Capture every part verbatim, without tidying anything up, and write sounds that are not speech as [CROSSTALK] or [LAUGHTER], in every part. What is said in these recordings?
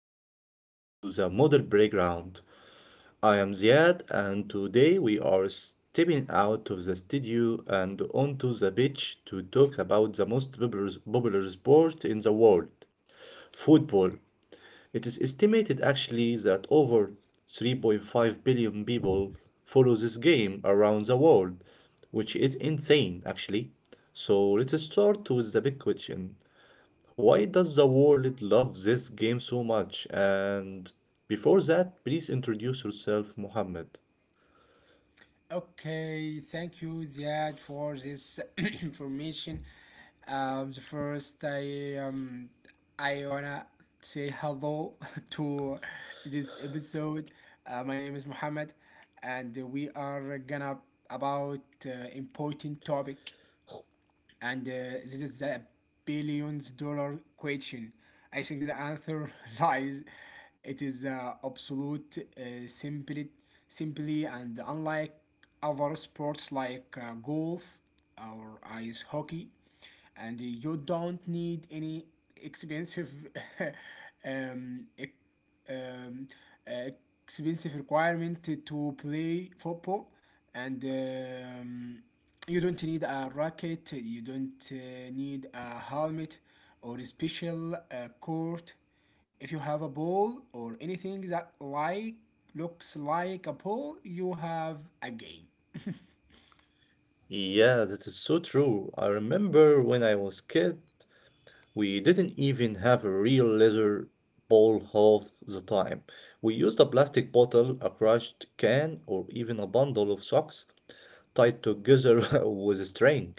welcome back to the Model Playground. I am Ziad and today we are stepping out of the studio and onto the beach to talk about the most popular, popular sport in the world, football. It is estimated actually that over three point five billion people follow this game around the world, which is insane actually. So let's start with the big question. Why does the world love this game so much? And before that, please introduce yourself, Mohammed. Okay, thank you, Ziad, for this [COUGHS] [CLEARS THROAT] information. Um, the first, I um, I wanna say hello [LAUGHS] to this episode. Uh, my name is Mohammed, and we are gonna about uh, important topic, and uh, this is a billions dollar question. I think the answer [LAUGHS] lies. It is uh, absolute, uh, simply, simply, and unlike other sports like uh, golf or ice hockey, and you don't need any expensive [LAUGHS] um, ec- um, uh, expensive requirement to- play football, and um, you don't need a racket, you don't uh, need a helmet or a special uh, court. If you have a ball or anything that like looks like a ball, you have a game. Yeah, that is so true. I remember when I was kid, we didn't even have a real leather bowl half the time. We used a plastic bottle, a crushed can, or even a bundle of socks tied together [LAUGHS] with string.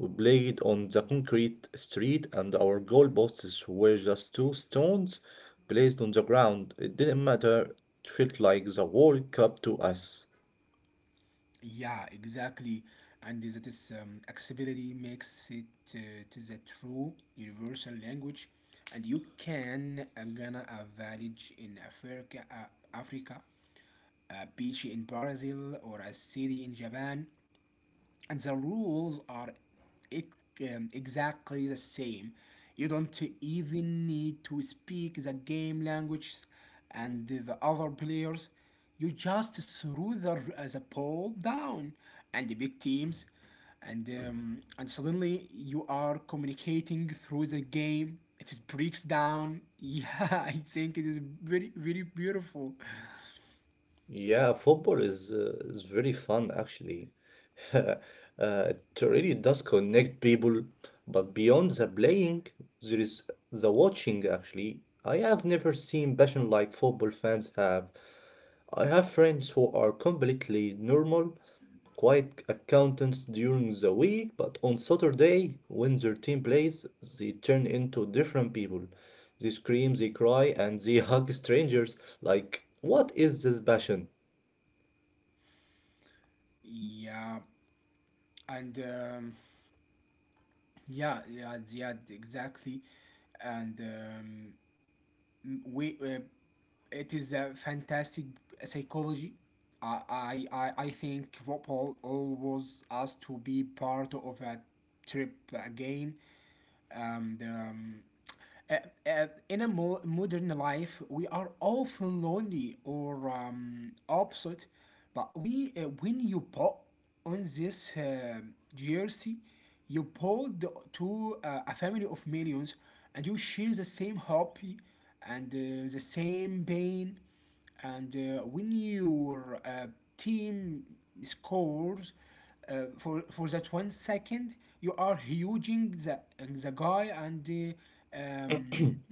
We played on the concrete street, and our goalposts were just two stones placed on the ground. It didn't matter. It felt like the World Cup to us. Yeah, exactly. And that is um, accessibility makes it uh, to the true universal language, and you can uh, gonna a village in Africa, uh, Africa, a beach in Brazil, or a city in Japan, and the rules are ex- um, exactly the same. You don't even need to speak the game language and the other players. You just threw the, uh, the ball down and the big teams, and um, and suddenly you are communicating through the game. It is breaks down. [LAUGHS] Yeah, I think it is very very beautiful. Yeah, football is uh, is very fun actually. [LAUGHS] uh, it really does connect people, but beyond the playing, there is the watching actually. I have never seen passion like football fans have. I have friends who are completely normal, quiet accountants during the week, but on Saturday, when their team plays, they turn into different people. They scream, they cry, and they [LAUGHS] hug strangers. Like, what is this passion? Yeah, and um, Yeah, yeah, yeah, exactly. And um, m- we, uh, it is a fantastic psychology. I, I, I I think football allows us to be part of a trip again. um, the, um, uh, uh, in a mo- modern life, we are often lonely or um, opposite. But we, uh, when you put on this uh, jersey, you pulled to uh, a family of millions, and you share the same hobby and uh, the same pain, and uh, when your uh, team scores, uh, for for that one second you are huging the, the guy and uh, um,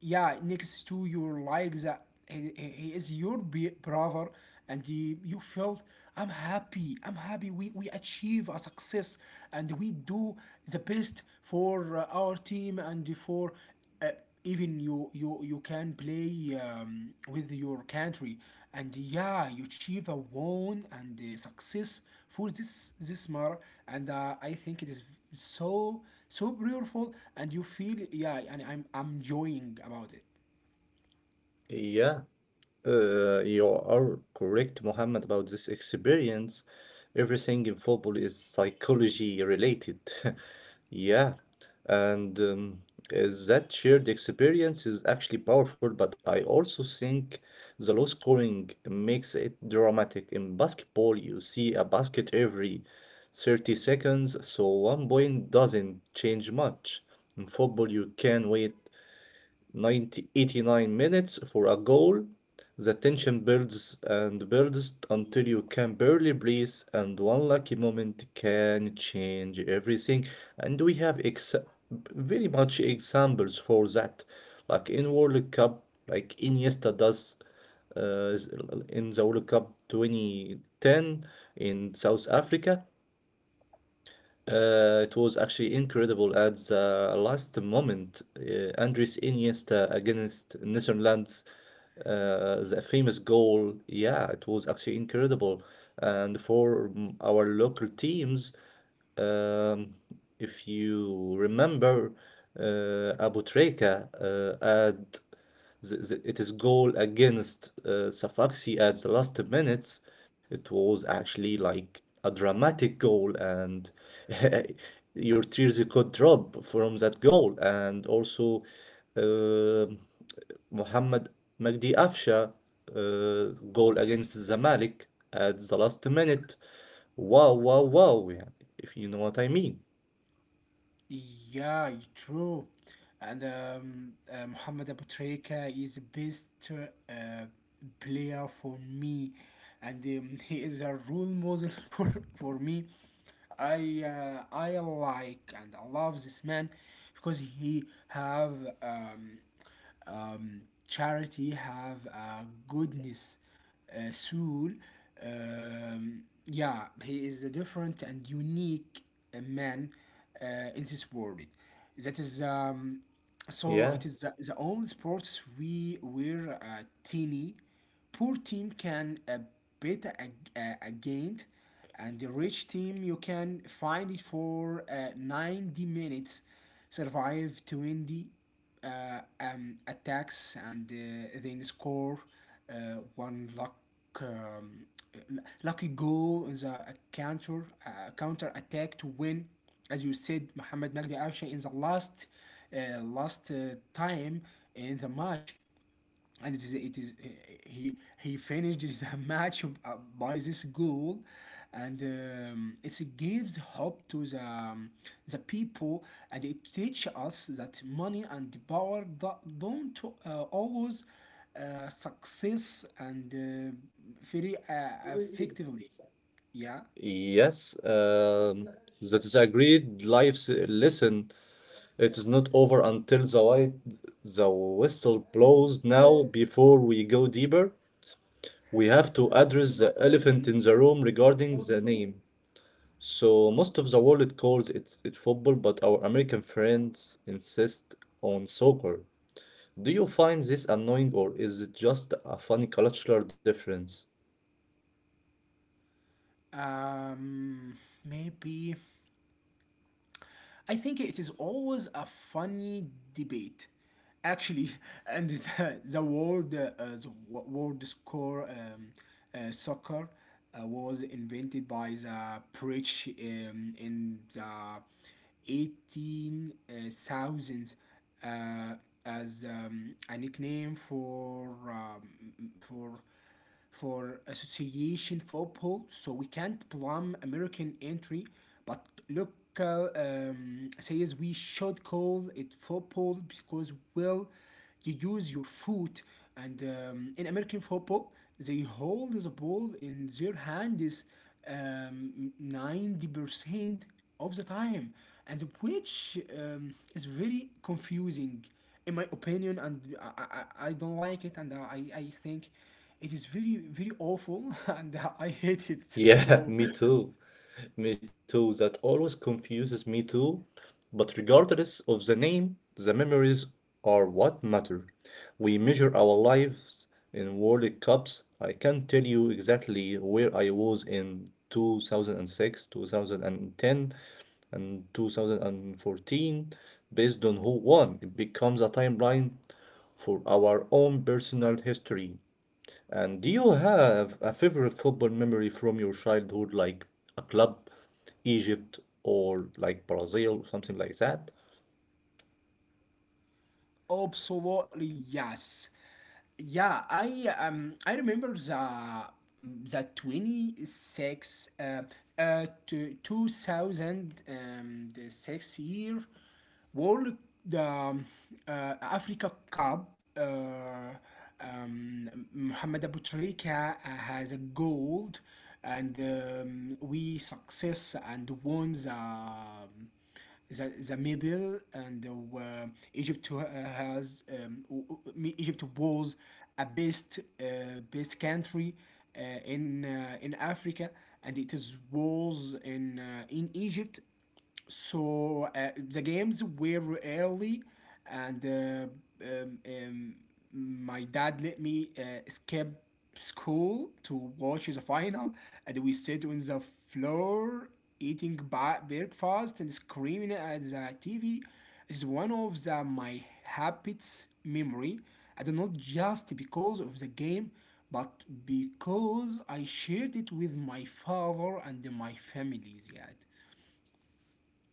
yeah, next to your like that he, he he is your be- brother and he, you felt I'm happy, I'm happy we, we achieve a success, and we do the best for uh, our team, and for uh, even you you you can play um, with your country, and yeah, you achieve a won and uh, success for this this matter. And uh, I think it is so so beautiful, and you feel, yeah, and i'm i'm enjoying about it. Yeah, uh, you are correct, Mohammed, about this experience. Everything in football is psychology related. [LAUGHS] Yeah, and um, is that shared experience is actually powerful, but I also think the low scoring makes it dramatic. In basketball, you see a basket every thirty seconds, so one point doesn't change much. In football, you can wait Ninety eighty nine minutes for a goal. The tension builds and builds until you can barely breathe, and one lucky moment can change everything. And we have ex- very much examples for that, like in World Cup, like Iniesta does uh, in the World Cup twenty ten in South Africa. Uh, it was actually incredible at the last moment. Uh, Andres Iniesta against Netherlands, uh, the famous goal. Yeah, it was actually incredible. And for mm, our local teams, um, if you remember, uh, Abu Treka uh, at the, the, its goal against uh, Safaxi at the last minutes, it was actually like a dramatic goal, and [LAUGHS] your tears could drop from that goal. And also, uh, Mohamed Magdi Afsha uh, goal against Zamalek at the last minute. Wow, wow, wow! Yeah, if you know what I mean. Yeah, true. And um, uh, Mohamed Abutreka is the best uh, player for me, and um, [LAUGHS] he is a role model [LAUGHS] for for me. I uh, I like and I love this man, because he have um, um, charity, have a goodness uh, soul. Um, yeah, he is a different and unique uh, man uh, in this world. That is um, So Yeah. it is the, the only sports we were uh, teeny poor team can uh, bet ag- uh, against, and the rich team you can find it for uh, ninety minutes, survive twenty uh, um, attacks, and uh, then score uh, one luck um, lucky goal in the uh, counter uh, counter attack to win. As you said, Mohamed Magdi Arsha in the last uh, last uh, time in the match, and it is it is he he finished his [LAUGHS] match uh, by this goal, and um, it gives hope to the um, the people, and it teaches us that money and power do- don't uh, always uh, success and uh, very uh, effectively. Yeah. Yes. Um, that is agreed. Great life lesson. It is not over until the white, the whistle blows. Now, before we go deeper, we have to address the elephant in the room regarding the name. So most of the world calls it, it football, but our American friends insist on soccer. Do you find this annoying or is it just a funny cultural difference? [LAUGHS] um, Maybe I think it is always a funny debate, actually. [LAUGHS] and the, the word uh, uh, the wo- word score um, uh, soccer uh, was invented by the British um, in the eighteen thousands, uh, as um, a nickname for um, for for association football, so we can't blame American entry. But local um, says we should call it football because, well, you use your foot. And um, In American football, they hold the ball in their hands um, ninety percent of the time, and which um, is very confusing in my opinion, and I, I, I don't like it, and I, I think it is very very awful, [LAUGHS] and I hate it. Yeah, So, me too. Me too, that always confuses me too. But regardless of the name, the memories are what matter. We measure our lives in World Cups. I can't tell you exactly where I was in two thousand six, two thousand ten, and two thousand fourteen based on who won. It becomes a timeline for our own personal history. And do you have a favorite football memory from your childhood, like a club, Egypt, or like Brazil, something like that? absolutely, yes. Yeah, I um I remember the the twenty six uh, uh to two thousand six year World um, uh, Africa Cup. uh, um, Mohamed Abu has a gold, and um, we success and won the the, the Middle, and uh, Egypt uh, has um, Egypt was a best uh, best country uh, in uh, in Africa, and it is was in uh, in Egypt, so uh, the games were early, and uh, um, um, my dad let me uh, skip school to watch the final, and we sit on the floor eating ba- breakfast and screaming at the T V. It's one of the, my happiest memory, and not just because of the game, but because I shared it with my father and my family, Ziad.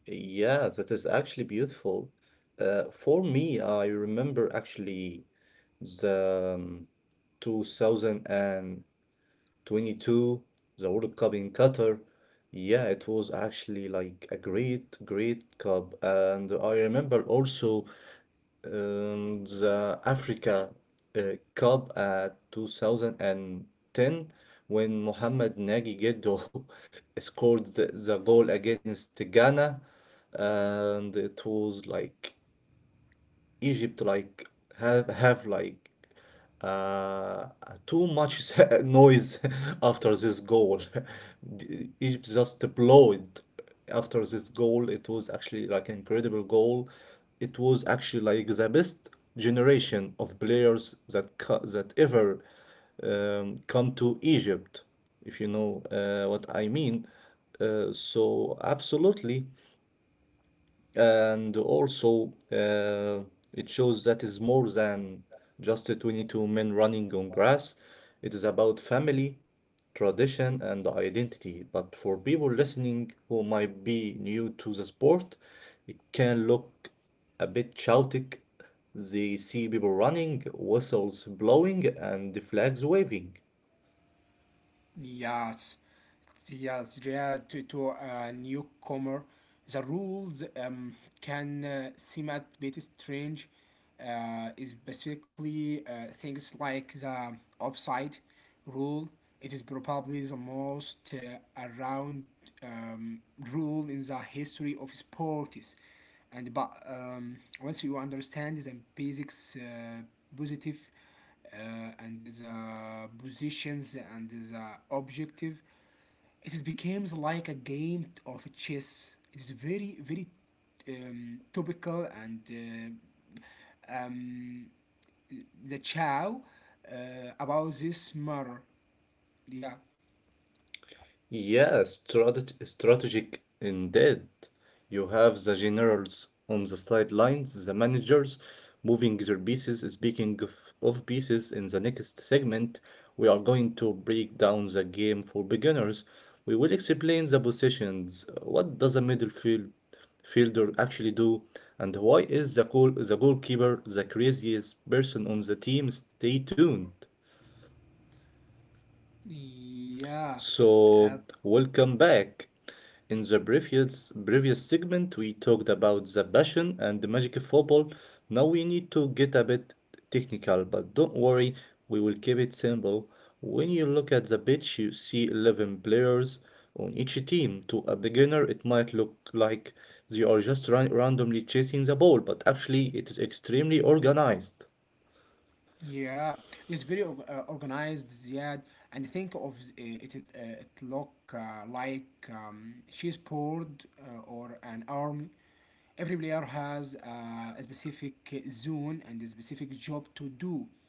Yeah, that is actually beautiful. Uh, for me, I remember actually the um, two thousand twenty-two, the World Cup in Qatar. Yeah, it was actually like a great, great cup. And I remember also um, the Africa uh, Cup at two thousand ten when Mohamed Nagi Geddo [LAUGHS] scored the, the goal against Ghana and it was like Egypt like have have like uh, too much [LAUGHS] noise [LAUGHS] after this goal. [LAUGHS] D- Egypt just blow it after this goal. It was actually like incredible goal. It was actually like the best generation of players that co- that ever um, come to Egypt, if you know uh, what I mean. Uh, so absolutely, and also, uh, it shows that is more than just the twenty-two men running on grass. It is about family, tradition, and identity. But for people listening who might be new to the sport, it can look a bit chaotic. They see people running, whistles blowing, and the flags waving. Yes, yes, yeah, to, to a newcomer, the rules um, can uh, seem a bit strange. Uh, is basically uh, things like the offside rule. It is probably the most uh, around um, rule in the history of sports. And but um, once you understand the basics, uh, positive uh, and the positions and the objective. It becomes like a game of chess. It's very very um, topical and uh, um, the chow uh, about this matter. Yeah. Yeah, strate strategic indeed. You have the generals on the sidelines, the managers moving their pieces. Speaking of, of pieces, in the next segment, we are going to break down the game for beginners. We will explain the positions. What does a middle field fielder actually do, and why is the goal the goalkeeper the craziest person on the team? Stay tuned. Yeah. Uh, So, welcome back. In the previous previous segment, we talked about the passion and the magic of football. Now we need to get a bit technical, but don't worry, we will keep it simple. When you look at the pitch, you see eleven players on each team. To a beginner, it might look like they are just ran randomly chasing the ball, but actually, it is extremely organized. Yeah, it's very org- uh, organized, Ziad, and think of z- it, it, uh, it look uh, like um, she's board uh, or an army. Every player has uh, a specific zone and a specific job to do.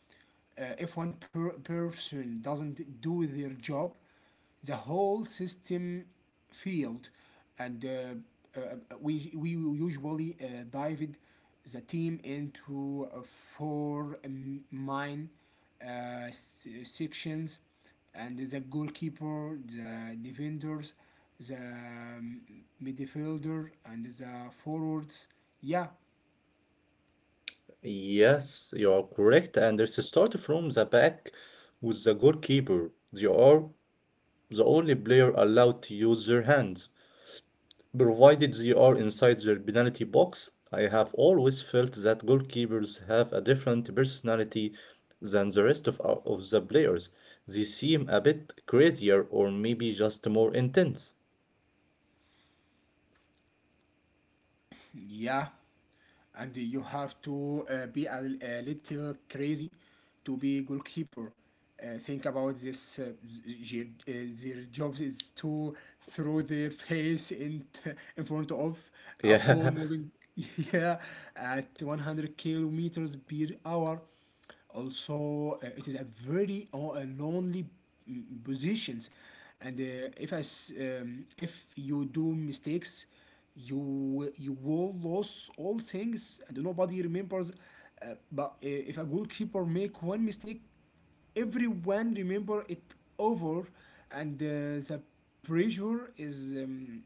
uh, If one per- person doesn't do their job, the whole system failed, and uh, uh, we we usually uh, divide the team into uh, four um, main uh, sections: and the goalkeeper, the defenders, the um, midfielder, and the forwards. Yeah. Yes, you are correct. And let's start from the back with the goalkeeper. They are the only player allowed to use their hands, provided they are inside their penalty box. I have always felt that goalkeepers have a different personality than the rest of, our- of the players. They seem a bit crazier or maybe just more intense. Yeah, and you have to uh, be a, a little crazy to be goalkeeper. Uh, think about this. Uh, j- uh, their job is to throw their face in [LAUGHS] t- in front of [LAUGHS] a ball Yeah, moving, [LAUGHS] yeah, at one hundred kilometers per hour. Also, uh, it is a very o- a lonely mm, positions, and uh, if I s um, if you do mistakes, you will- you will lose all things, and nobody remembers. Uh, but uh, if a goalkeeper make one mistake, everyone remember it over, and uh, the pressure is um,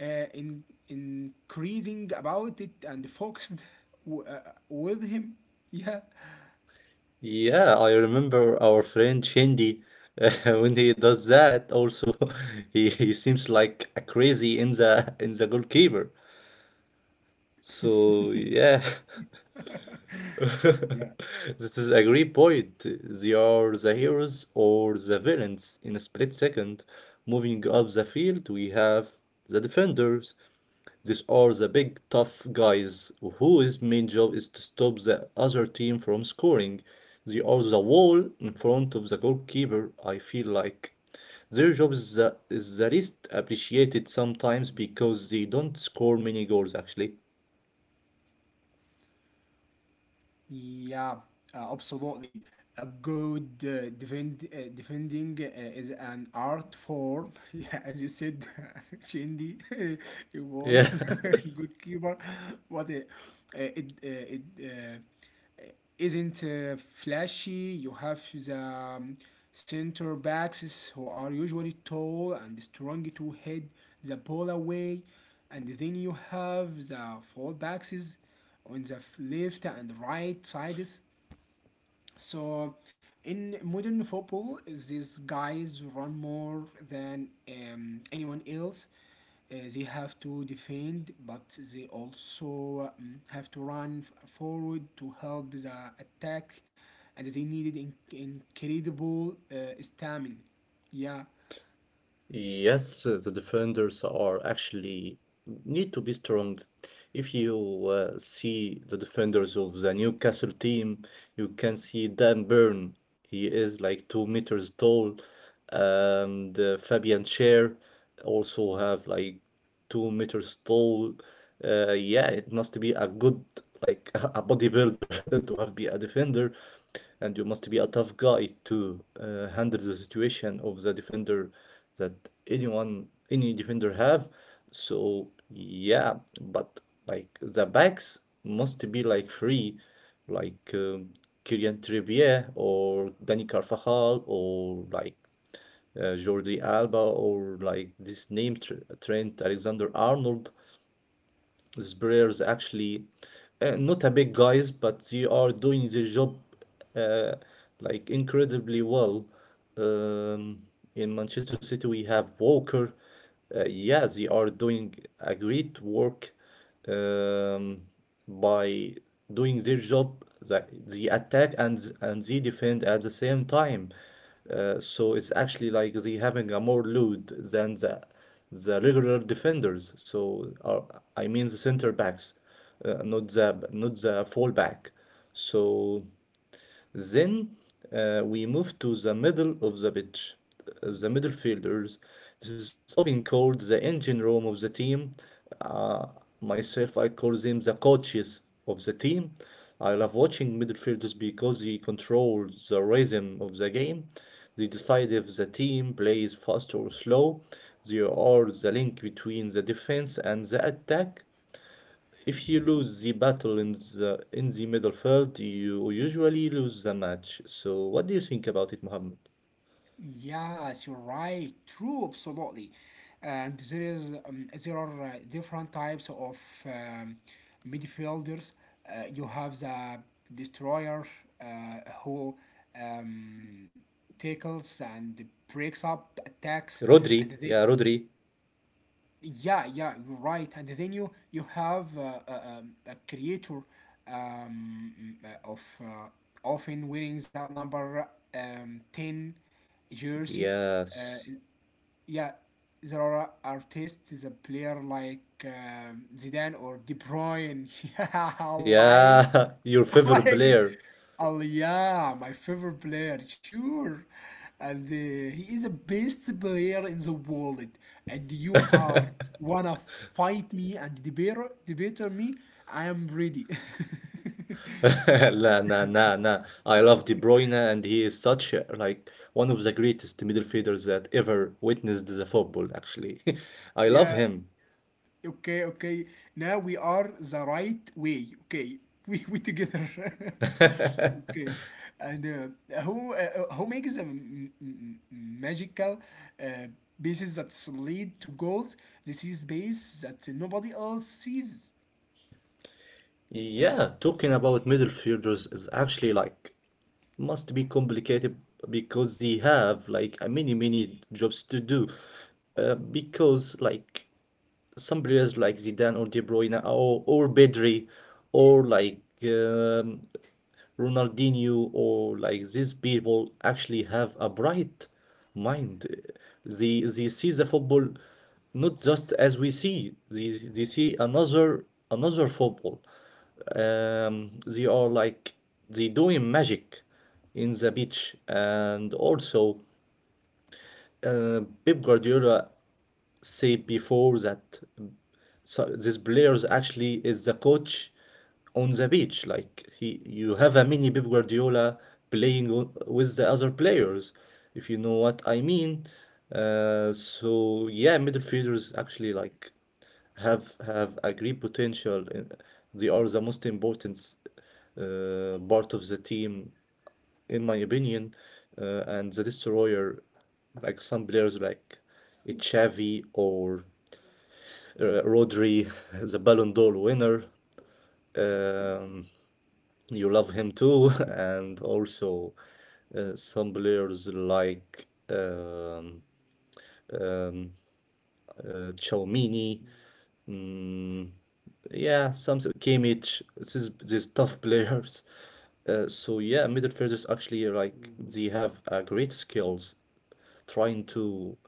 uh, in increasing about it, and focused w- uh, with him. [LAUGHS] Yeah. yeah, I remember our friend Shindy. [LAUGHS] Uh, when he does that, also [LAUGHS] he, he seems like a crazy in the in the goalkeeper. So yeah, [LAUGHS] Yeah, this is a great point. They are the heroes or the villains in a split second. Moving up the field, we have the defenders. These are the big tough guys whose main job is to stop the other team from scoring. They are the wall in front of the goalkeeper, I feel like. Their job is the, is the least appreciated sometimes because they don't score many goals actually. yeah, uh, absolutely. A good uh, defend, uh, defending uh, is an art form. [LAUGHS] Yeah, as you said, [LAUGHS] Shindy, [LAUGHS] he Yeah. was [LAUGHS] a [LAUGHS] good keeper, but uh, uh, it uh, it uh, isn't uh, flashy. You have the um, center backs who are usually tall and strong to head the ball away, and then you have the full backs on the left and right sides. So in modern football, these guys run more than um, anyone else. Uh, they have to defend, but they also um, have to run f- forward to help the attack, and they needed in- incredible uh, stamina. Yeah. Yes, uh, the defenders are actually need to be strong. If you uh, see the defenders of the Newcastle team, you can see Dan Burn. He is like two meters tall, and uh, Fabian Cher also have like two meters tall. Uh, yeah, it must be a good, like [LAUGHS] a bodybuilder [LAUGHS] to have be a defender, and you must be a tough guy to uh, handle the situation of the defender that anyone, any defender have. So yeah, but like the backs must be like free, like um, Kylian Trippier or Dani Carvajal or like uh, Jordi Alba or like this name Tr Trent Alexander-Arnold, these players actually uh, not a big guys, but they are doing their job uh, like incredibly well. Um, in Manchester City, we have Walker. Uh, yeah, they are doing a great work um, by doing their job. That they attack and and they defend at the same time. Uh, so it's actually like they having a more load than the the regular defenders. So uh, I mean the center backs, uh, not the not the full back. So then uh, we move to the middle of the pitch, uh, the midfielders. This is often called the engine room of the team. Uh, myself, I call them the coaches of the team. I love watching midfielders because they control the rhythm of the game. They decide if the team plays fast or slow. They are the link between the defense and the attack. If you lose the battle in the in the middle field, you usually lose the match. So what do you think about it, Mohammed? Yes, you're right. True, absolutely. And there is um, There are uh, different types of um, midfielders. Uh, you have the destroyer, uh, who um, tackles and breaks up attacks, Rodri, and then yeah, Rodri. yeah yeah you're right. And then you you have uh, a, a, a creator um, uh, of, uh, often winnings outnumber um, ten jersey. uh, Yes. yeah, there are artists, a player like um, Zidane or De Bruyne. [LAUGHS] Yeah, I like, Yeah, [LAUGHS] your [LAUGHS] I favorite like it. player. Oh yeah, my favorite player, sure. And uh, he is the best player in the world. And you [LAUGHS] are wanna f- fight me and debate, debate me. I am ready. La, nah, nah, nah. I love De Bruyne, and he is such a, like one of the greatest midfielders that ever witnessed the football, actually. [LAUGHS] I love [LAUGHS] Yeah. him. Okay, okay. Now we are the right way. Okay, [LAUGHS] we we together. [LAUGHS] Okay, [LAUGHS] and uh, who uh, uh, who makes a m- m- m- magical uh, bases that lead to goals? This is base that nobody else sees. Yeah, talking about midfielders is actually like must be complicated because they have like a many many jobs to do uh, because like some players like Zidane or De Bruyne or, or Pedri or like um, Ronaldinho or like these people actually have a bright mind. They they see the football not just as we see. They they see another another football. Um, they are like they doing magic in the beach and also uh, Pep Guardiola said before that so this players actually is the coach on the beach. Like he, you have a mini Pep Guardiola playing o- with the other players, if you know what I mean. Uh, so yeah, midfielders actually like have have a great potential. And they are the most important uh, part of the team in my opinion, uh, and the destroyer, like some players like Xavi or uh, Rodri, [LAUGHS] the Ballon d'Or winner. Um, you love him too, [LAUGHS] and also uh, some players like um, um, uh, Chomini, mm, yeah, something Kimmich. This is these tough [LAUGHS] players. Uh, so yeah, midfielders actually like they have uh, great skills trying to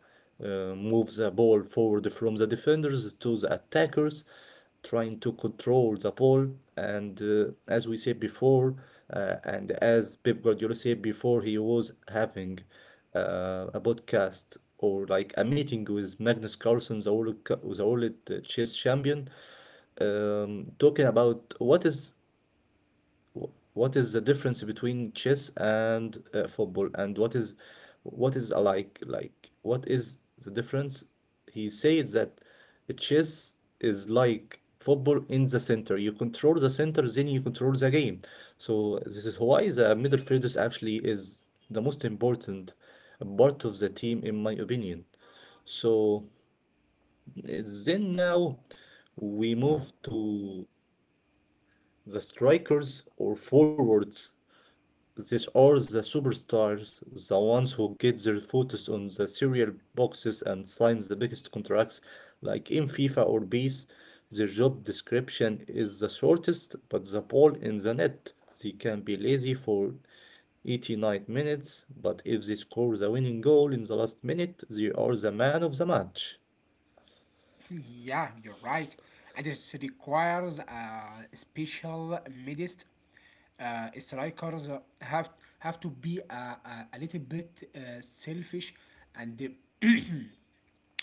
uh, move the ball forward from the defenders to the attackers trying to control the ball. And uh, as we said before, uh, and as Pep Guardiola said before, he was having uh, a podcast or like a meeting with Magnus Carlsen, the world, cu- the world uh, chess champion, um, talking about what is what is the difference between chess and uh, football? And what is what is alike? Like what is the difference? He says that chess is like football in the center. You control the center, then you control the game. So this is why the midfielders actually is the most important part of the team, in my opinion. So uh, then now we move to the strikers or forwards. These are the superstars, the ones who get their photos on the cereal boxes and sign the biggest contracts. Like in FIFA or P E S, their job description is the shortest, but the ball in the net. They can be lazy for eighty-nine minutes, but if they score the winning goal in the last minute, they are the man of the match. [LAUGHS] Yeah, you're right. And this requires a special midst. Uh, strikers uh, have have to be a, a, a little bit uh, selfish, and [CLEARS THROAT]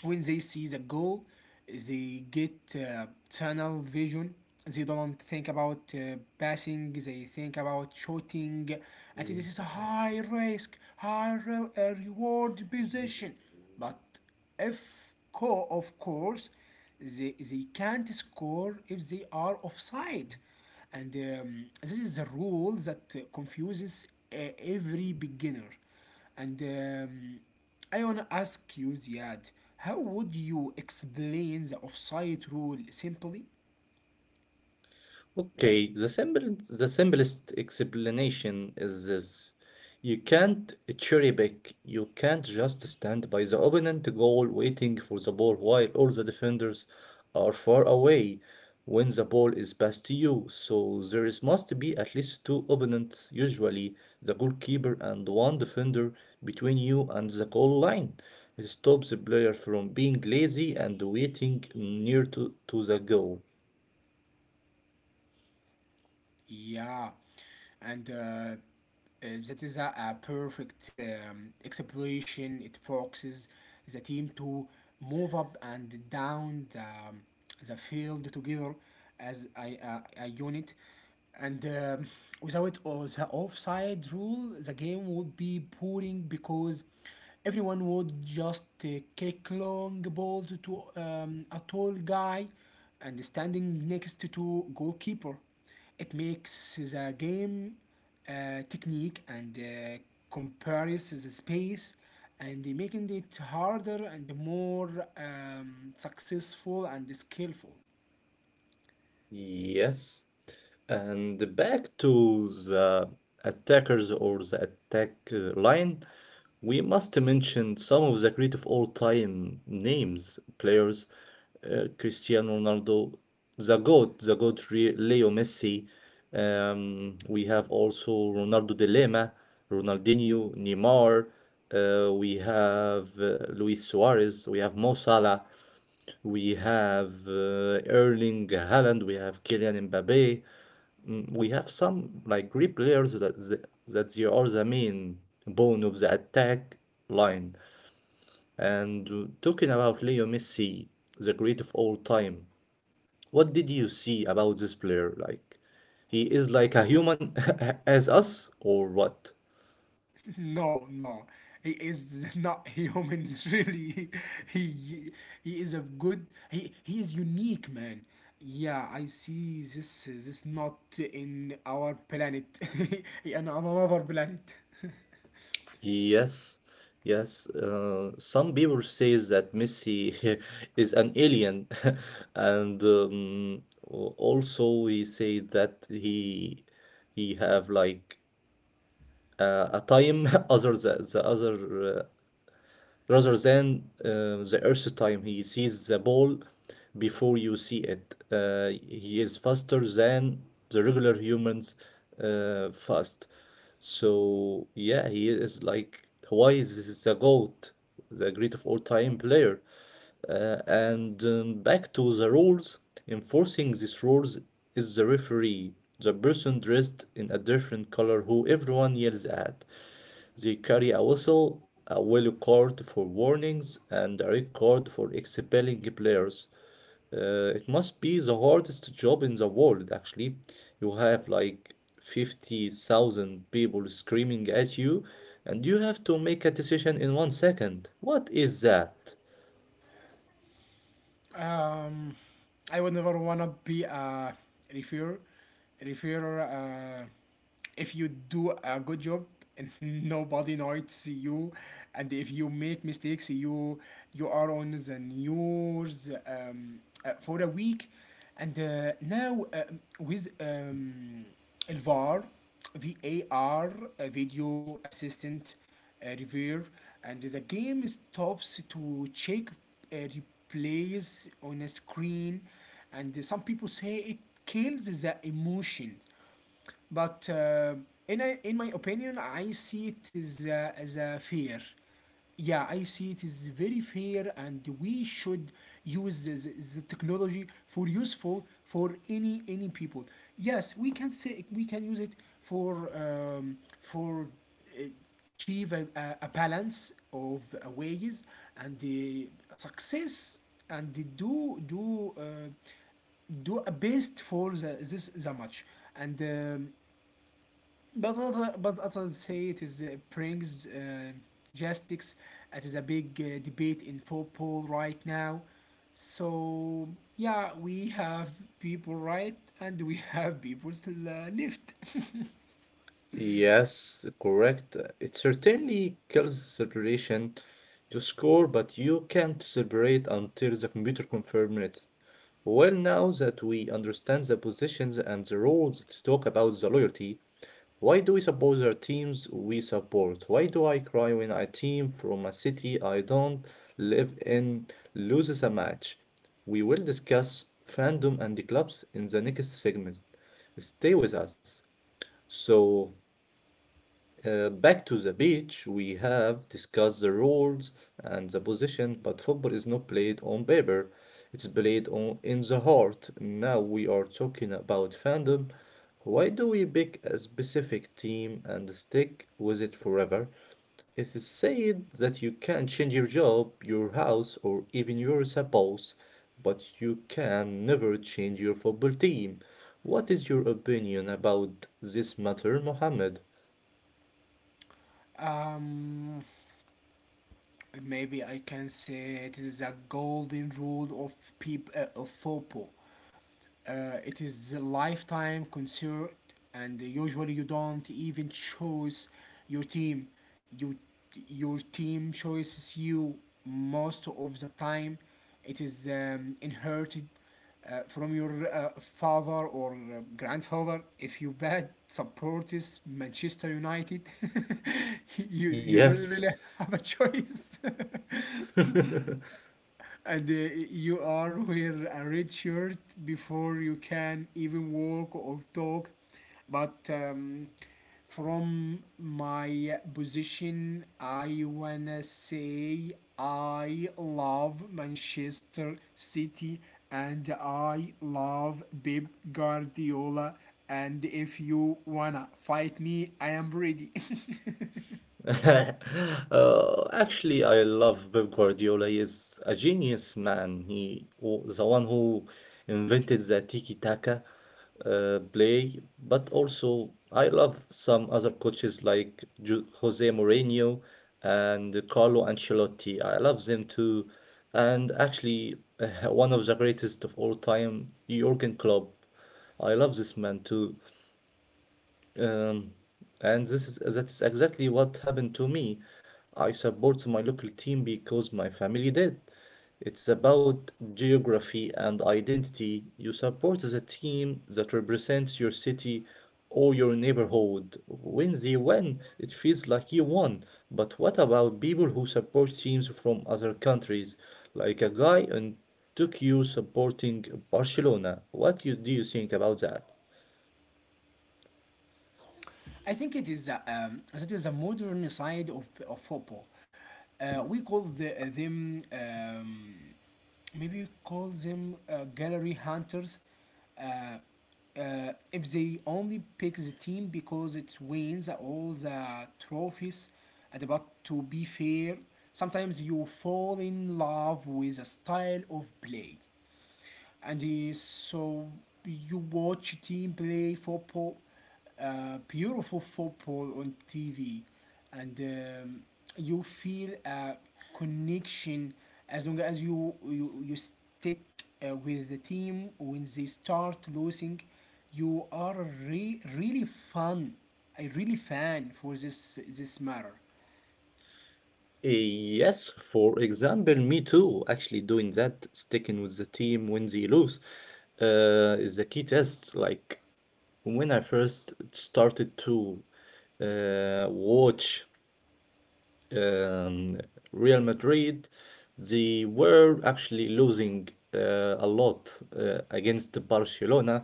when they see the goal, they get uh, tunnel vision. They don't think about uh, passing. They think about shooting. And this is a high risk, high re- uh, reward position. But if co- of course, they, they can't score if they are offside. And um, this is a rule that uh, confuses uh, every beginner. And um, I want to ask you, Ziad, how would you explain the offside rule simply? Okay, the simple, the simplest explanation is this. You can't cherry pick. You can't just stand by the opponent goal waiting for the ball while all the defenders are far away when the ball is passed to you. So there is must be at least two opponents, usually the goalkeeper and one defender between you and the goal line. It stops the player from being lazy and waiting near to, to the goal. Yeah, and uh, uh, that is a, a perfect um, exploration. It focuses the team to move up and down the, um, the field together as a, a, a unit. And um without o- the offside rule, the game would be boring, because everyone would just uh, kick long balls to um, a tall guy and standing next to goalkeeper. It makes the game uh, technique and uh, compares the space and making it harder and more um, successful and skillful. [LAUGHS] Yes. And back to the attackers or the attack uh, line, we must mention some of the great of all time names, players, uh, Cristiano Ronaldo, the GOAT, the GOAT Re- Leo Messi. Um, we have also Ronaldo de Lima, Ronaldinho, Neymar. Uh, we have uh, Luis Suarez. We have Mo Salah. We have uh, Erling Haaland, we have Kylian Mbappe. Mm, we have some like great players that they, that they are the main bone of the attack line. And uh, talking about Leo Messi, the great of all time, what did you see about this player? Like, he is like a human [LAUGHS] as us, or what? No, no, he is not human. [LAUGHS] Really, he he is a good. He he is unique, man. Yeah, I see this. This not in our planet, [LAUGHS] in another planet. Yes, yes. Uh, some people says that Messi [LAUGHS] is an alien, [LAUGHS] and um, al- also he say that he he have like uh, a time [LAUGHS] other than the other uh, rather than uh, the first time he sees the ball before you see it. Uh, he is faster than the regular humans uh, fast. So yeah, he is like why is this the GOAT, the great of all time player. Uh, and um, Back to the rules, enforcing these rules is the referee, the person dressed in a different color who everyone yells at. They carry a whistle, a yellow card for warnings, and a red card for expelling players. Uh, it must be the hardest job in the world, actually. You have like fifty thousand people screaming at you, and you have to make a decision in one second. What is that? Um, I would never wanna be a referrer. Referrer. Uh, if you do a good job and [LAUGHS] nobody notes you, and if you make mistakes, you you are on the news um, uh, for a week. And uh, now um with um, الفار V A R, uh, video assistant uh, review, and the game stops to check uh, replays on a screen, and some people say it kills the emotion, but uh, in a, in my opinion, I see it as a, as a fair. Yeah, I see it as very fair, and we should use the, the technology for useful for any any people. Yes, we can say we can use it for um, for uh, achieve a, a, a balance of uh, ways and the success and the do do uh, do a best for the, this the match and um, but other, but others say it is uh, brings uh, justice. It is a big uh, debate in football right now. So yeah, we have people right, and we [LAUGHS] have people still uh, left. Yes, correct. It certainly kills celebration. You score, but you can't celebrate until the computer confirms it. Well, now that we understand the positions and the rules to talk about the loyalty, why do we support the teams we support? Why do I cry when a team from a city I don't live in loses a match? We will discuss fandom and the clubs in the next segment. Stay with us. So, uh, back to the beach, we have discussed the rules and the position, but football is not played on paper. It's played on in the heart. Now we are talking about fandom. Why do we pick a specific team and stick with it forever? It is said that you can change your job, your house, or even your spouse, but you can never change your football team. What is your opinion about this matter, Mohammed? Um, Maybe I can say it is a golden rule of peop- uh, of football. Uh, it is a lifetime concert, and usually you don't even choose your team. You, your team chooses you most of the time. It is um, inherited uh, from your uh, father or uh, grandfather. If you dad supporters Manchester United, [LAUGHS] you you don't Yes, really have a choice. [LAUGHS] [LAUGHS] And uh, you are wear a red shirt before you can even walk or talk. But um, from my position, I wanna say I love Manchester City and I love Pep Guardiola. And if you wanna fight me, I am ready. [LAUGHS] Uh, actually, I love Pep Guardiola. He is a genius man. He w- the one who invented the tiki taka uh, play, but also I love some other coaches like Ju Jose Mourinho and Carlo Ancelotti. I love them too. And actually, [LAUGHS] one of the greatest of all time, Jurgen Klopp. I love this man too. Um, and this is That's exactly what happened to me. I support my local team because my family did. It's about geography and identity. You support the team that represents your city or your neighborhood. When they win, it feels like you won. But what about people who support teams from other countries? Like a guy in Tokyo supporting Barcelona. What you, do you think about that? I think it is a, um, that is a modern side of, of football. Uh, we call the, uh, them um, maybe we call them uh, gallery hunters. Uh, if they only pick the team because it wins all the trophies, and about to be fair, sometimes you fall in love with a style of play and uh, so you watch team play football, uh, beautiful football on T V, and um, you feel a connection as long as you you, you stick uh, with the team. When they start losing, you are re- really fun, a really fan for this this matter. Yes, for example, me too. Actually, doing that, sticking with the team when they lose, uh, is the key test. Like when I first started to uh, watch um, Real Madrid, they were actually losing uh, a lot uh, against Barcelona.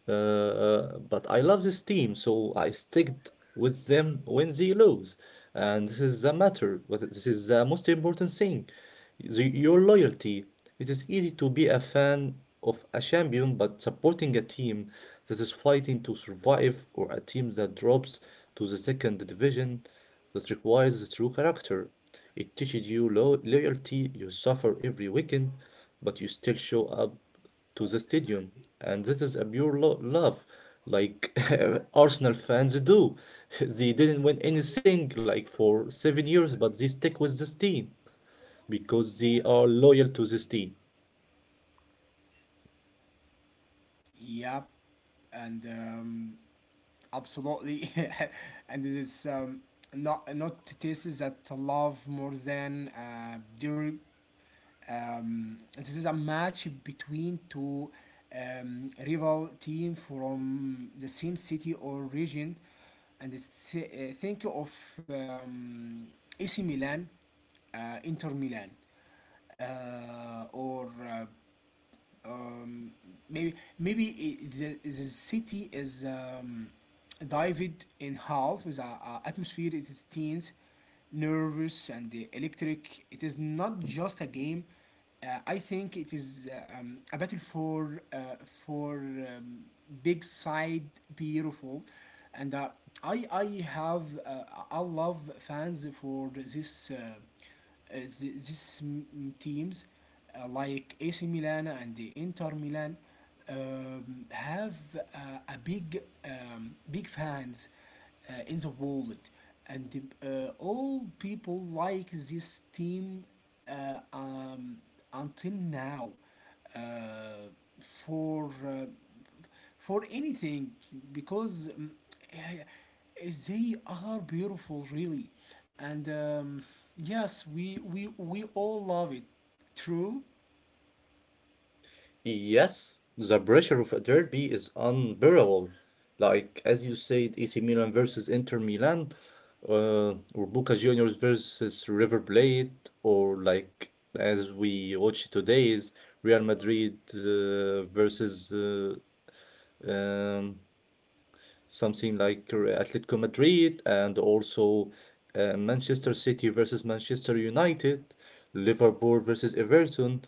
Uh, uh, but I love this team, so I sticked with them when they lose. And this is the matter, but this is the most important thing. The, your loyalty. It is easy to be a fan of a champion, but supporting a team that is fighting to survive or a team that drops to the second division that requires true character. It teaches you lo- loyalty, you suffer every weekend, but you still show up to the stadium. And this is a pure lo- love, like [LAUGHS] Arsenal fans do. [LAUGHS] They didn't win anything like for seven years, but they stick with this team because they are loyal to this team. Yep, and. Um, absolutely. [LAUGHS] And it is um, not not tastes that love more than uh, during um, this is a match between two um, rival team from the same city or region, and it's, uh, think of um, A C Milan, uh, Inter Milan, uh, or uh, um, maybe maybe it, the, the city is um, divided in half. The uh, uh, atmosphere it is tense, nervous, and uh, electric. It is not just a game. Uh, I think it is uh, um, a battle for uh, for um, big side beautiful, and uh, I I have uh, I love fans for this uh, uh, th- this mm, teams uh, like A C Milan and the Inter Milan, um, have uh, a big, um, big fans uh, in the world, and uh, all people like this team uh, um, until now, uh, for uh, for anything, because um, eh, they are beautiful really, and um, yes, we, we we all love it, true. Yes, the pressure of a derby is unbearable. Like as you said, A C Milan versus Inter Milan, uh, or Boca Juniors versus River Plate, or like as we watch today is Real Madrid uh, versus uh, um, something like Re- Atletico Madrid, and also uh, Manchester City versus Manchester United, Liverpool versus Everton.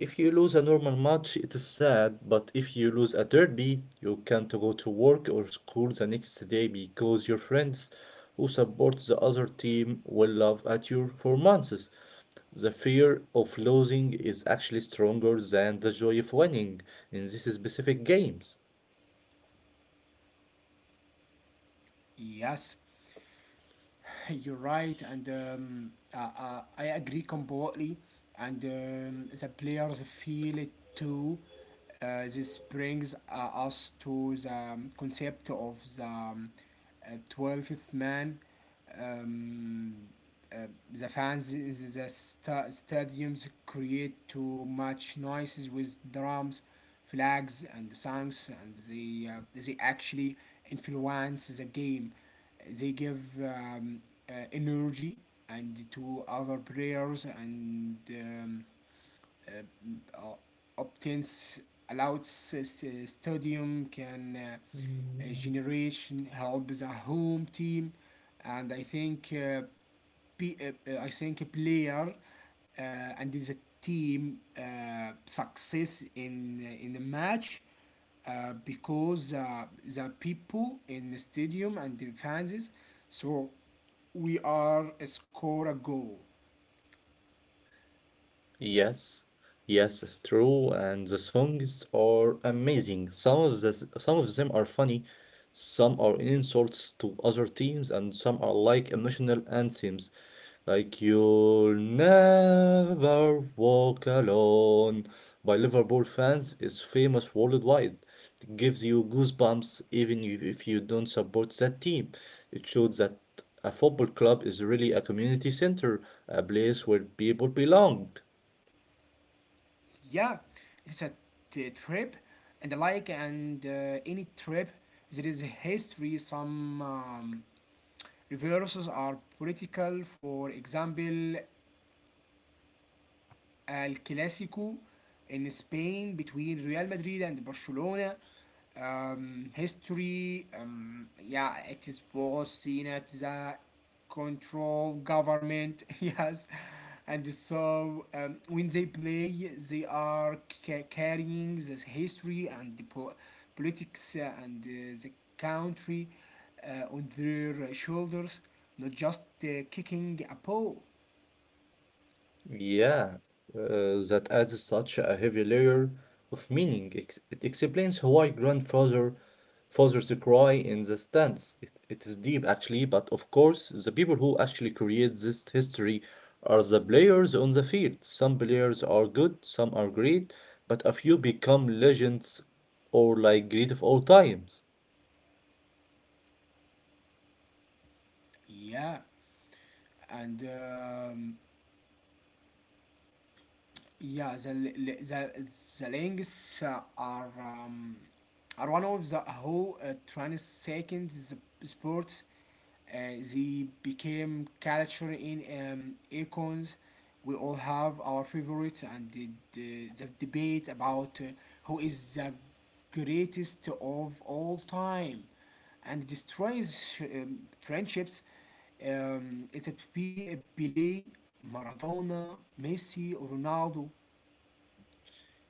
If you lose a normal match, it is sad, but if you lose a derby, you can't go to work or school the next day because your friends who support the other team will laugh at your performances. The fear of losing is actually stronger than the joy of winning in these specific games. Yes, [LAUGHS] you're right, and um, I, I, I agree completely, and um, the players feel it too. Uh, this brings uh, us to the um, concept of the um, uh, twelfth man. um, Uh, the fans in the sta- stadiums create too much noises with drums, flags, and songs, and they uh, they actually influence the game. They give um, uh, energy and to other players, and um, uh, uh, obtains allowed stadium can uh, uh, generation help the home team. And I think. Uh, P- uh, uh, I think a player uh, and the team uh, success in uh, in the match uh, because uh, the people in the stadium and the fans, so we are uh, score a goal. Yes, yes, it's true. And the songs are amazing. Some of the, some of them are funny, some are insults to other teams, and some are like emotional anthems. Like You'll Never Walk Alone by Liverpool fans is famous worldwide. It gives you goosebumps even you- if you don't support that team. It shows that a football club is really a community center, a place where people belong. Yeah, it's a t- trip, and like and uh, any trip there is history. Some um, reverses are political, for example الكلاسيكو in Spain between Real Madrid and Barcelona. Um, history, um, yeah, it is was seen as a control government. [LAUGHS] Yes. And so um, when they play, they are ca- carrying this history and the po- politics, uh, and uh, the country uh, on their shoulders, not just uh, kicking a ball. Yeah, uh, that adds such a heavy layer of meaning. Ex- It explains why grandfather fathers cry in the stands. It, it is deep actually, but of course, the people who actually create this history are the players on the field. Some players are good, some are great, but a few become legends or like great of all times. Yeah, and um, Yeah, the the the, the links uh, are, um, are one of the who uh, transcend the sports. Uh, they became culture in um, icons. We all have our favorites, and the, the, the debate about uh, who is the greatest of all time and destroys um, friendships. Um, it's a P- Pele, Maradona, Messi, or Ronaldo.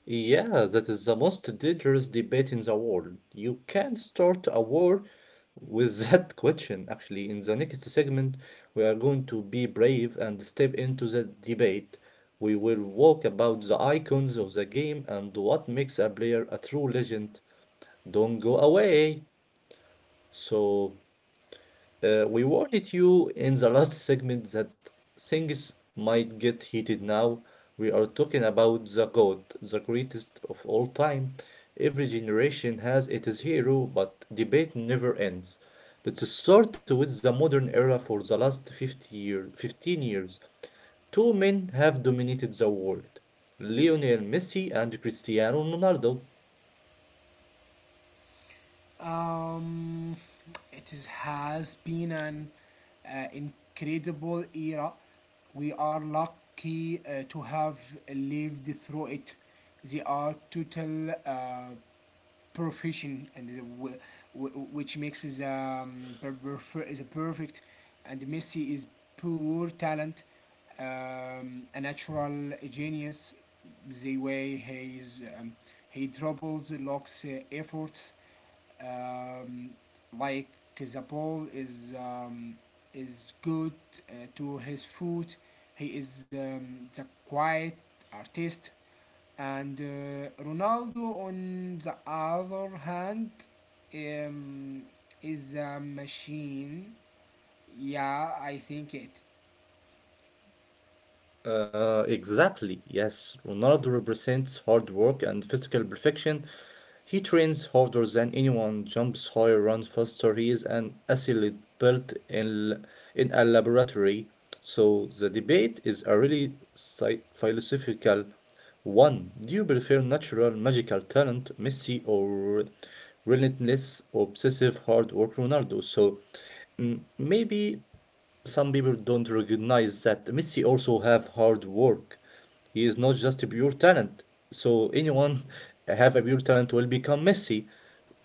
Yeah, that is the most dangerous debate in the world. You can not start a war with [LAUGHS] that question. Actually, in the next segment, we are going to be brave and step into the debate. We will walk about the icons of the game and what makes a player a true legend. Don't go away. So uh, we warned you in the last segment that things might get heated now. We are talking about the GOAT, the greatest of all time. Every generation has its hero, but debate never ends. Let's start with the modern era for the last fifty year, fifteen years. Two men have dominated the world, Lionel Messi and Cristiano Ronaldo. Um, it is, has been an uh, incredible era. We are lucky uh, to have lived through it. They are total uh, profession, and the, w- w- which makes the um, the perfect. And Messi is pure talent, um, a natural genius, the way he is, um, he doubles locks uh, efforts, um, like the ball is, um, is good uh, to his foot. He is, um, the quiet artist, and uh, Ronaldo, on the other hand, um, is a machine. Yeah, I think it. Uh, exactly. Yes, Ronaldo represents hard work and physical perfection. He trains harder than anyone, jumps higher, runs faster. He is an athlete built in in a laboratory. So the debate is a really sci- philosophical one. Do you prefer natural magical talent, Messi, or relentless, obsessive hard work, Ronaldo? So mm, maybe some people don't recognize that Messi also have hard work. He is not just a pure talent. So anyone [LAUGHS] have a pure talent will become Messi,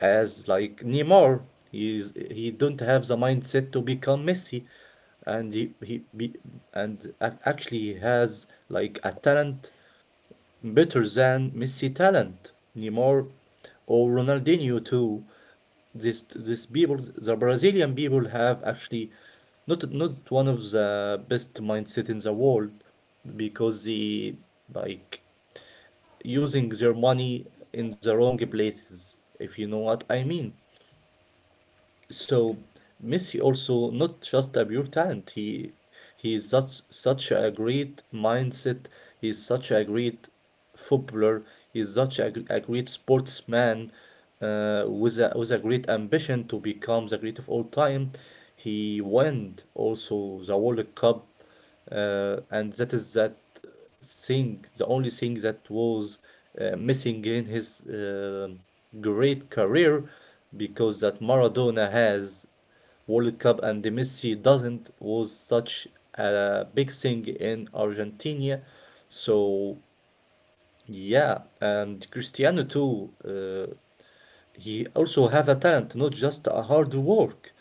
as like Neymar. He is he don't have the mindset to become Messi, and he he be, and ac- actually he has like a talent better than Messi talent, Neymar or Ronaldinho too. This this people, the Brazilian people have actually not not one of the best mindset in the world because they like using their money in the wrong places, if you know what I mean. So Messi also not just a pure talent. He he is such such a great mindset. He is such a great footballer. He is such a, gr- a great sportsman uh, with a with a great ambition to become the great of all time. He won also the World Cup, uh, and that is that thing, the only thing that was uh, missing in his uh, great career, because that Maradona has World Cup and Messi doesn't, was such a big thing in Argentina. So yeah, and Cristiano too. Uh, he also have a talent, not just a hard work.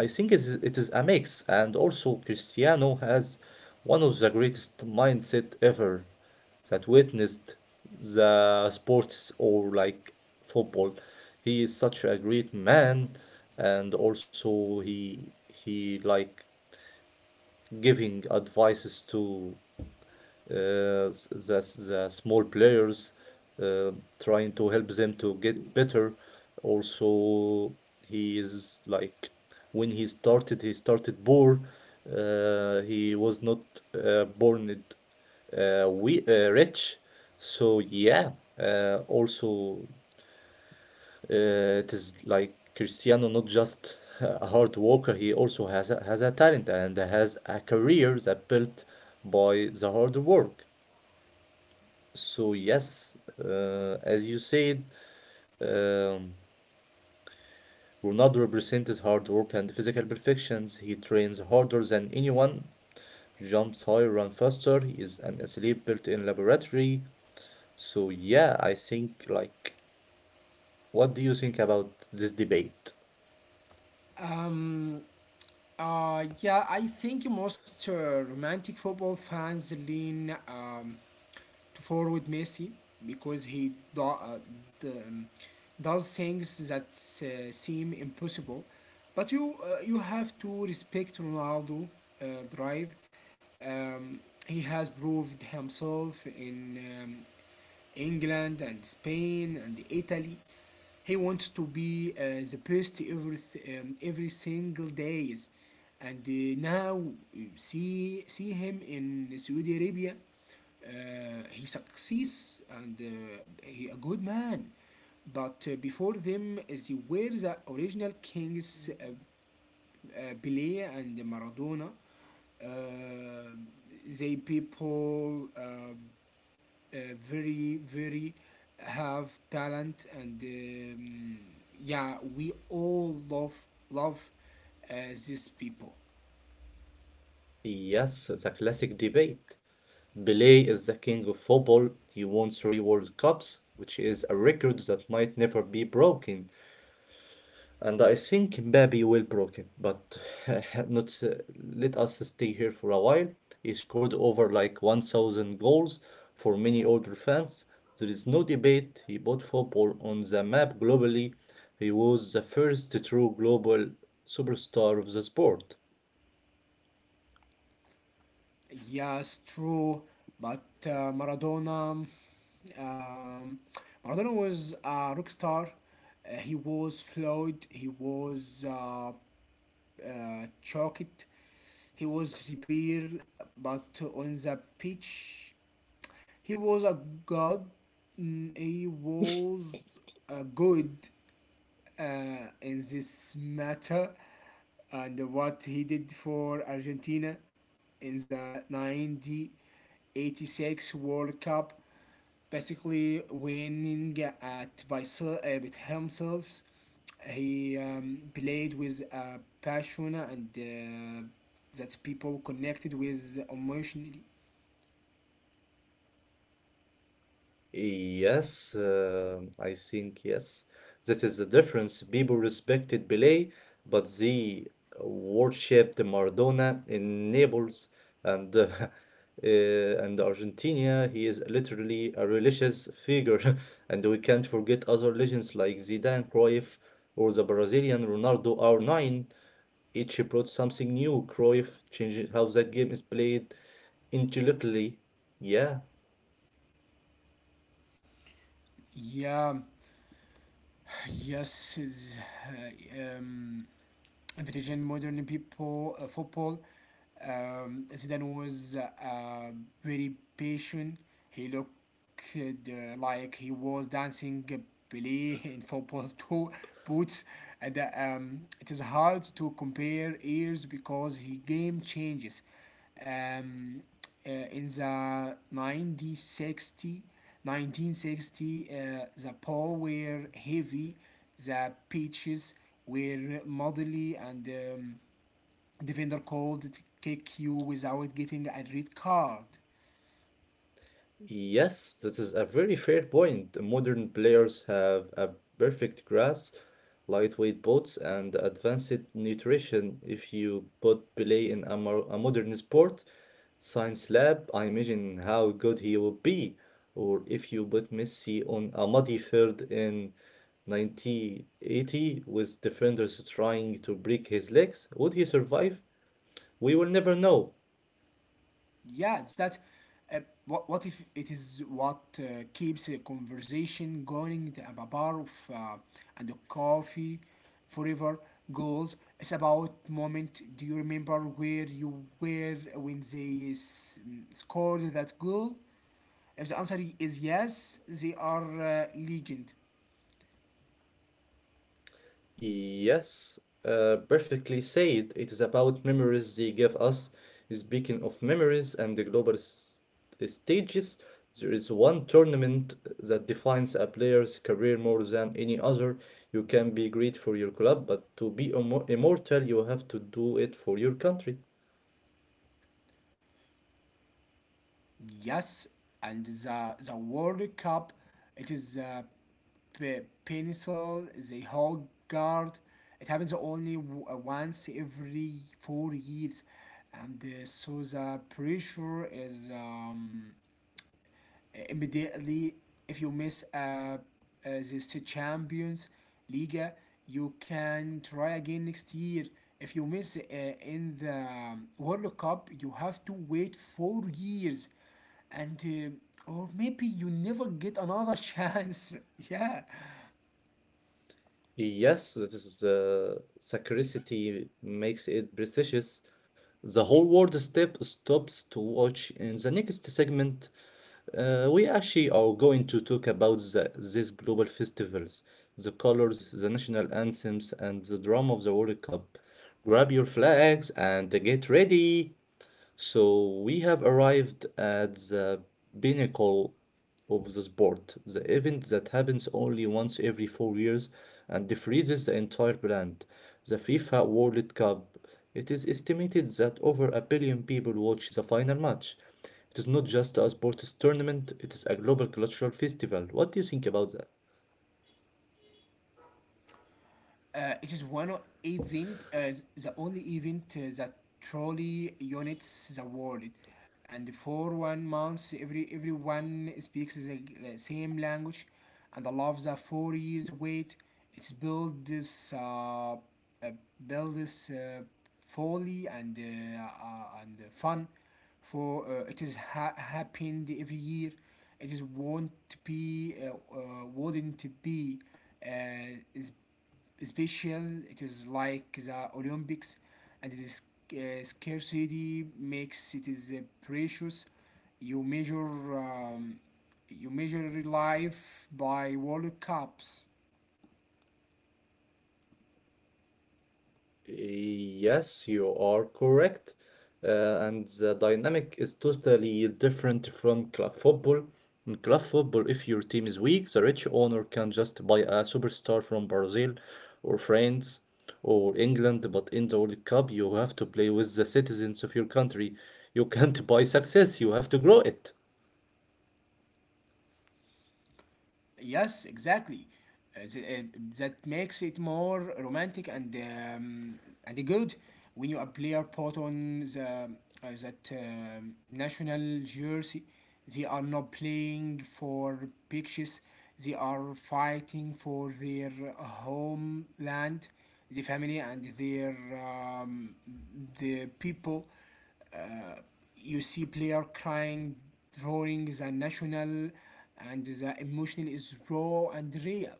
I think is- it is a mix, and also Cristiano has one of the greatest mindset ever that witnessed the sports or like football. He is such a great man, and also he he like giving advices to uh, the, the small players, uh, trying to help them to get better. Also, he is like when he started, he started poor. Uh, he was not uh, born it, uh, we uh, rich. So yeah, uh, also uh, it is like Cristiano not just a hard worker, he also has a, has a talent and has a career that built by the hard work. So yes, uh, as you said, um, Ronaldo represented hard work and physical perfections. He trains harder than anyone, jumps higher, run faster. He is an athlete built in laboratory. So yeah, I think like, what do you think about this debate? Um, uh, yeah, I think most uh, romantic football fans lean um, to forward Messi, because he do, uh, d- um, does things that uh, seem impossible. But you uh, you have to respect Ronaldo uh, drive. Um, he has proved himself in um, England and Spain and Italy. He wants to be uh, the best every um, every single days, and uh, now see see him in Saudi Arabia. Uh, he succeeds, and uh, he a good man, but uh, before them they were the original kings, uh, uh, Pelé and Maradona. uh, they people uh, uh, very very have talent, and um, yeah, we all love love uh, these people. Yes, the classic debate. Pelé is the king of football. He won three World Cups, which is a record that might never be broken. And I think Mbappe will broke it, but [LAUGHS] not s- let us stay here for a while. He scored over like one thousand goals. For many older fans, there is no debate. He put football on the map globally. He was the first true global superstar of the sport. Yes, true, but uh, Maradona, um, Maradona was a rock star. Uh, he was flawed, he was uh, uh, choked, he was revered, but on the pitch he was a god. mm, He was a good uh, in this matter, and what he did for Argentina in the nineteen eighty-six World Cup, basically winning at by se- uh, with himself. He um, played with uh, passion, and uh, that people connected with emotionally. Yes, uh, I think yes. That is the difference. People respected Pelé, but they worshipped Maradona in Naples and uh, [LAUGHS] uh, and Argentina. He is literally a religious figure, [LAUGHS] and we can't forget other legends like Zidane, Cruyff, or the Brazilian Ronaldo R nine. Each brought something new. Cruyff changed how that game is played intellectually. Yeah. Yeah. Yes, is uh, um, Norwegian modern people uh, football. Um, Zidane was uh, very patient. He looked uh, like he was dancing Pelé in football [LAUGHS] too boots, and uh, um, it is hard to compare years because he game changes. Um, uh, in the nineteen sixty, uh, the poor were heavy, the pitches were muddy, and um, defender called K Q without getting a red card. Yes, this is a very fair point. Modern players have a perfect grasp, lightweight boats, and advanced nutrition. If you put Pelé in a, mo a modern sport science lab, I imagine how good he would be. Or if you put Messi on a muddy field in nineteen eighty with defenders trying to break his legs, would he survive? We will never know. Yeah, that. Uh, what, what if it is what uh, keeps a conversation going the, a bar of, uh, and a coffee forever goals. It's about moment. Do you remember where you were when they s- scored that goal? If the answer is yes, they are uh, legend. Yes, uh, perfectly said. It is about memories they give us. Speaking of memories and the global s- stages, there is one tournament that defines a player's career more than any other. You can be great for your club, but to be immo- immortal, you have to do it for your country. Yes, and the, the World Cup, it is a pe- pencil, the whole guard. It happens only w- uh, once every four years, and uh, so the pressure is um, immediately. If you miss uh, uh, this Champions League, you can try again next year. If you miss uh, in the um, World Cup, you have to wait four years, and uh, or maybe you never get another chance. [LAUGHS] Yeah. Yes, this is, uh, scarcity makes it precious. The whole world step stops to watch. In the next segment, Uh, we actually are going to talk about the, these global festivals, the colors, the national anthems, and the drama of the World Cup. Grab your flags and get ready. So we have arrived at the pinnacle of the sport, the event that happens only once every four years and freezes the entire planet, the FIFA World Cup. It is estimated that over a billion people watch the final match. It is not just a sports tournament, it is a global cultural festival. What do you think about that? Uh, it is one o- event, uh, the only event uh, that truly unites the world, and for one month, every everyone speaks the uh, same language, and I love the four years wait. It's build this, uh, uh, build this uh, folly and uh, uh, and fun, for uh, it is ha- happened every year. It is won't be, uh, uh, wouldn't be, uh, is special. It is like the Olympics, and it is uh, scarcity makes it is uh, precious. You measure um, you measure life by World Cups. Yes, you are correct. Uh, and the dynamic is totally different from club football. In club football, if your team is weak, the rich owner can just buy a superstar from Brazil or France or England. But in the World Cup, you have to play with the citizens of your country. You can't [LAUGHS] buy success, you have to grow it. Yes, exactly. Uh, th- uh, that makes it more romantic and, um, and good when you a player put on the uh, that um, national jersey. They are not playing for pictures. They are fighting for their homeland, the family, and their, um, the people. uh, you see player crying drawings and national, and the emotion is raw and real.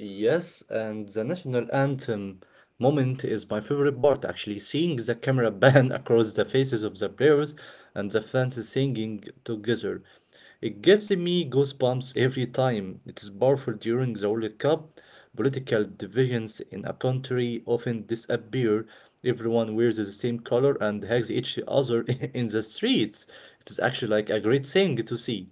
Yes, and the national anthem moment is my favorite part actually. Seeing the camera pan [LAUGHS] across the faces of the players and the fans singing together. It gives me goosebumps every time. It is powerful. During the World Cup, political divisions in a country often disappear. Everyone wears the same color and hugs each other [LAUGHS] in the streets. It is actually like a great thing to see.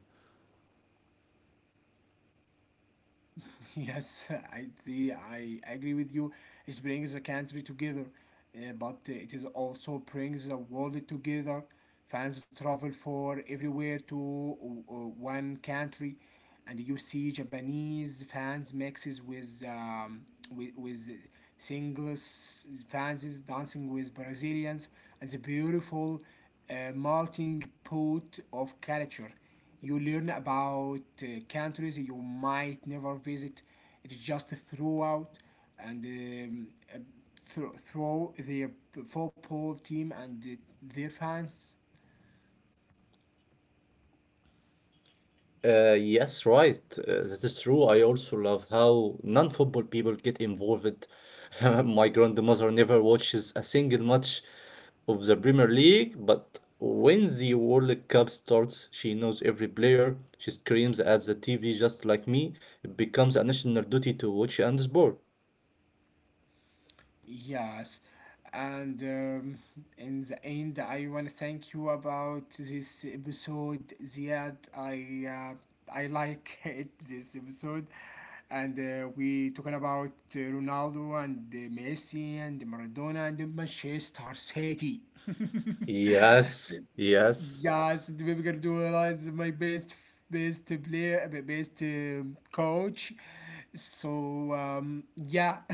[LAUGHS] Yes, I, the, I agree with you. It brings a country together, uh, but it is also brings the world together. Fans travel for everywhere to uh, one country, and you see Japanese fans mixes with um, with, with singles fans is dancing with Brazilians, and the beautiful uh, melting pot of culture. You learn about uh, countries you might never visit. It's just throughout, and um, uh, thro- through the football team and their fans. Uh, yes, right. Uh, that is true. I also love how non-football people get involved. [LAUGHS] My grandmother never watches a single match of the Premier League, but when the World Cup starts, she knows every player. She screams at the T V just like me. It becomes a national duty to watch and support. Yes, and um, in the end, I want to thank you about this episode, Ziad. I uh, I like [LAUGHS] it this episode, and uh, we talking about uh, Ronaldo and uh, Messi and Maradona and Manchester City. Yes, yes. Yes, Pep Guardiola is my best best player, uh, best uh, coach. So um, yeah,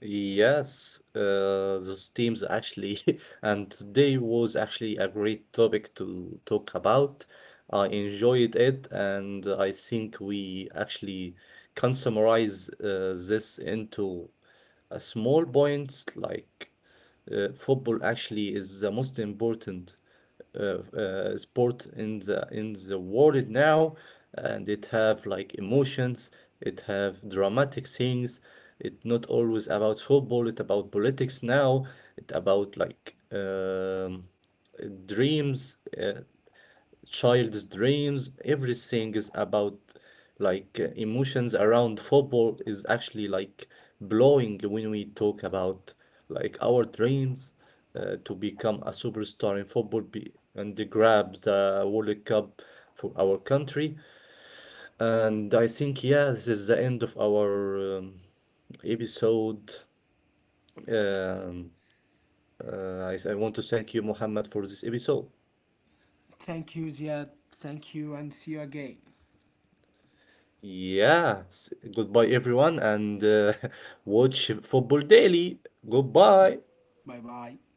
Yes, uh, those teams actually, [LAUGHS] and today was actually a great topic to talk about. I enjoyed it, and I think we actually can summarize uh, this into a small points like, uh, football actually is the most important uh, uh, sport in the in the world now, and it have like emotions, it have dramatic things, it not always about football, it about politics now, it about like, um, dreams, uh, child's dreams, everything is about like, uh, emotions around football is actually like blowing when we talk about like our dreams, uh, to become a superstar in football, be, and to grab the World Cup for our country. And I think yeah, this is the end of our um, episode. um, uh, I, I want to thank you, Muhammad, for this episode. [LAUGHS] thank you, Ziad. Thank you, and see you again. Yeah, s- goodbye everyone, and uh, [LAUGHS] watch football daily. Goodbye. 拜拜。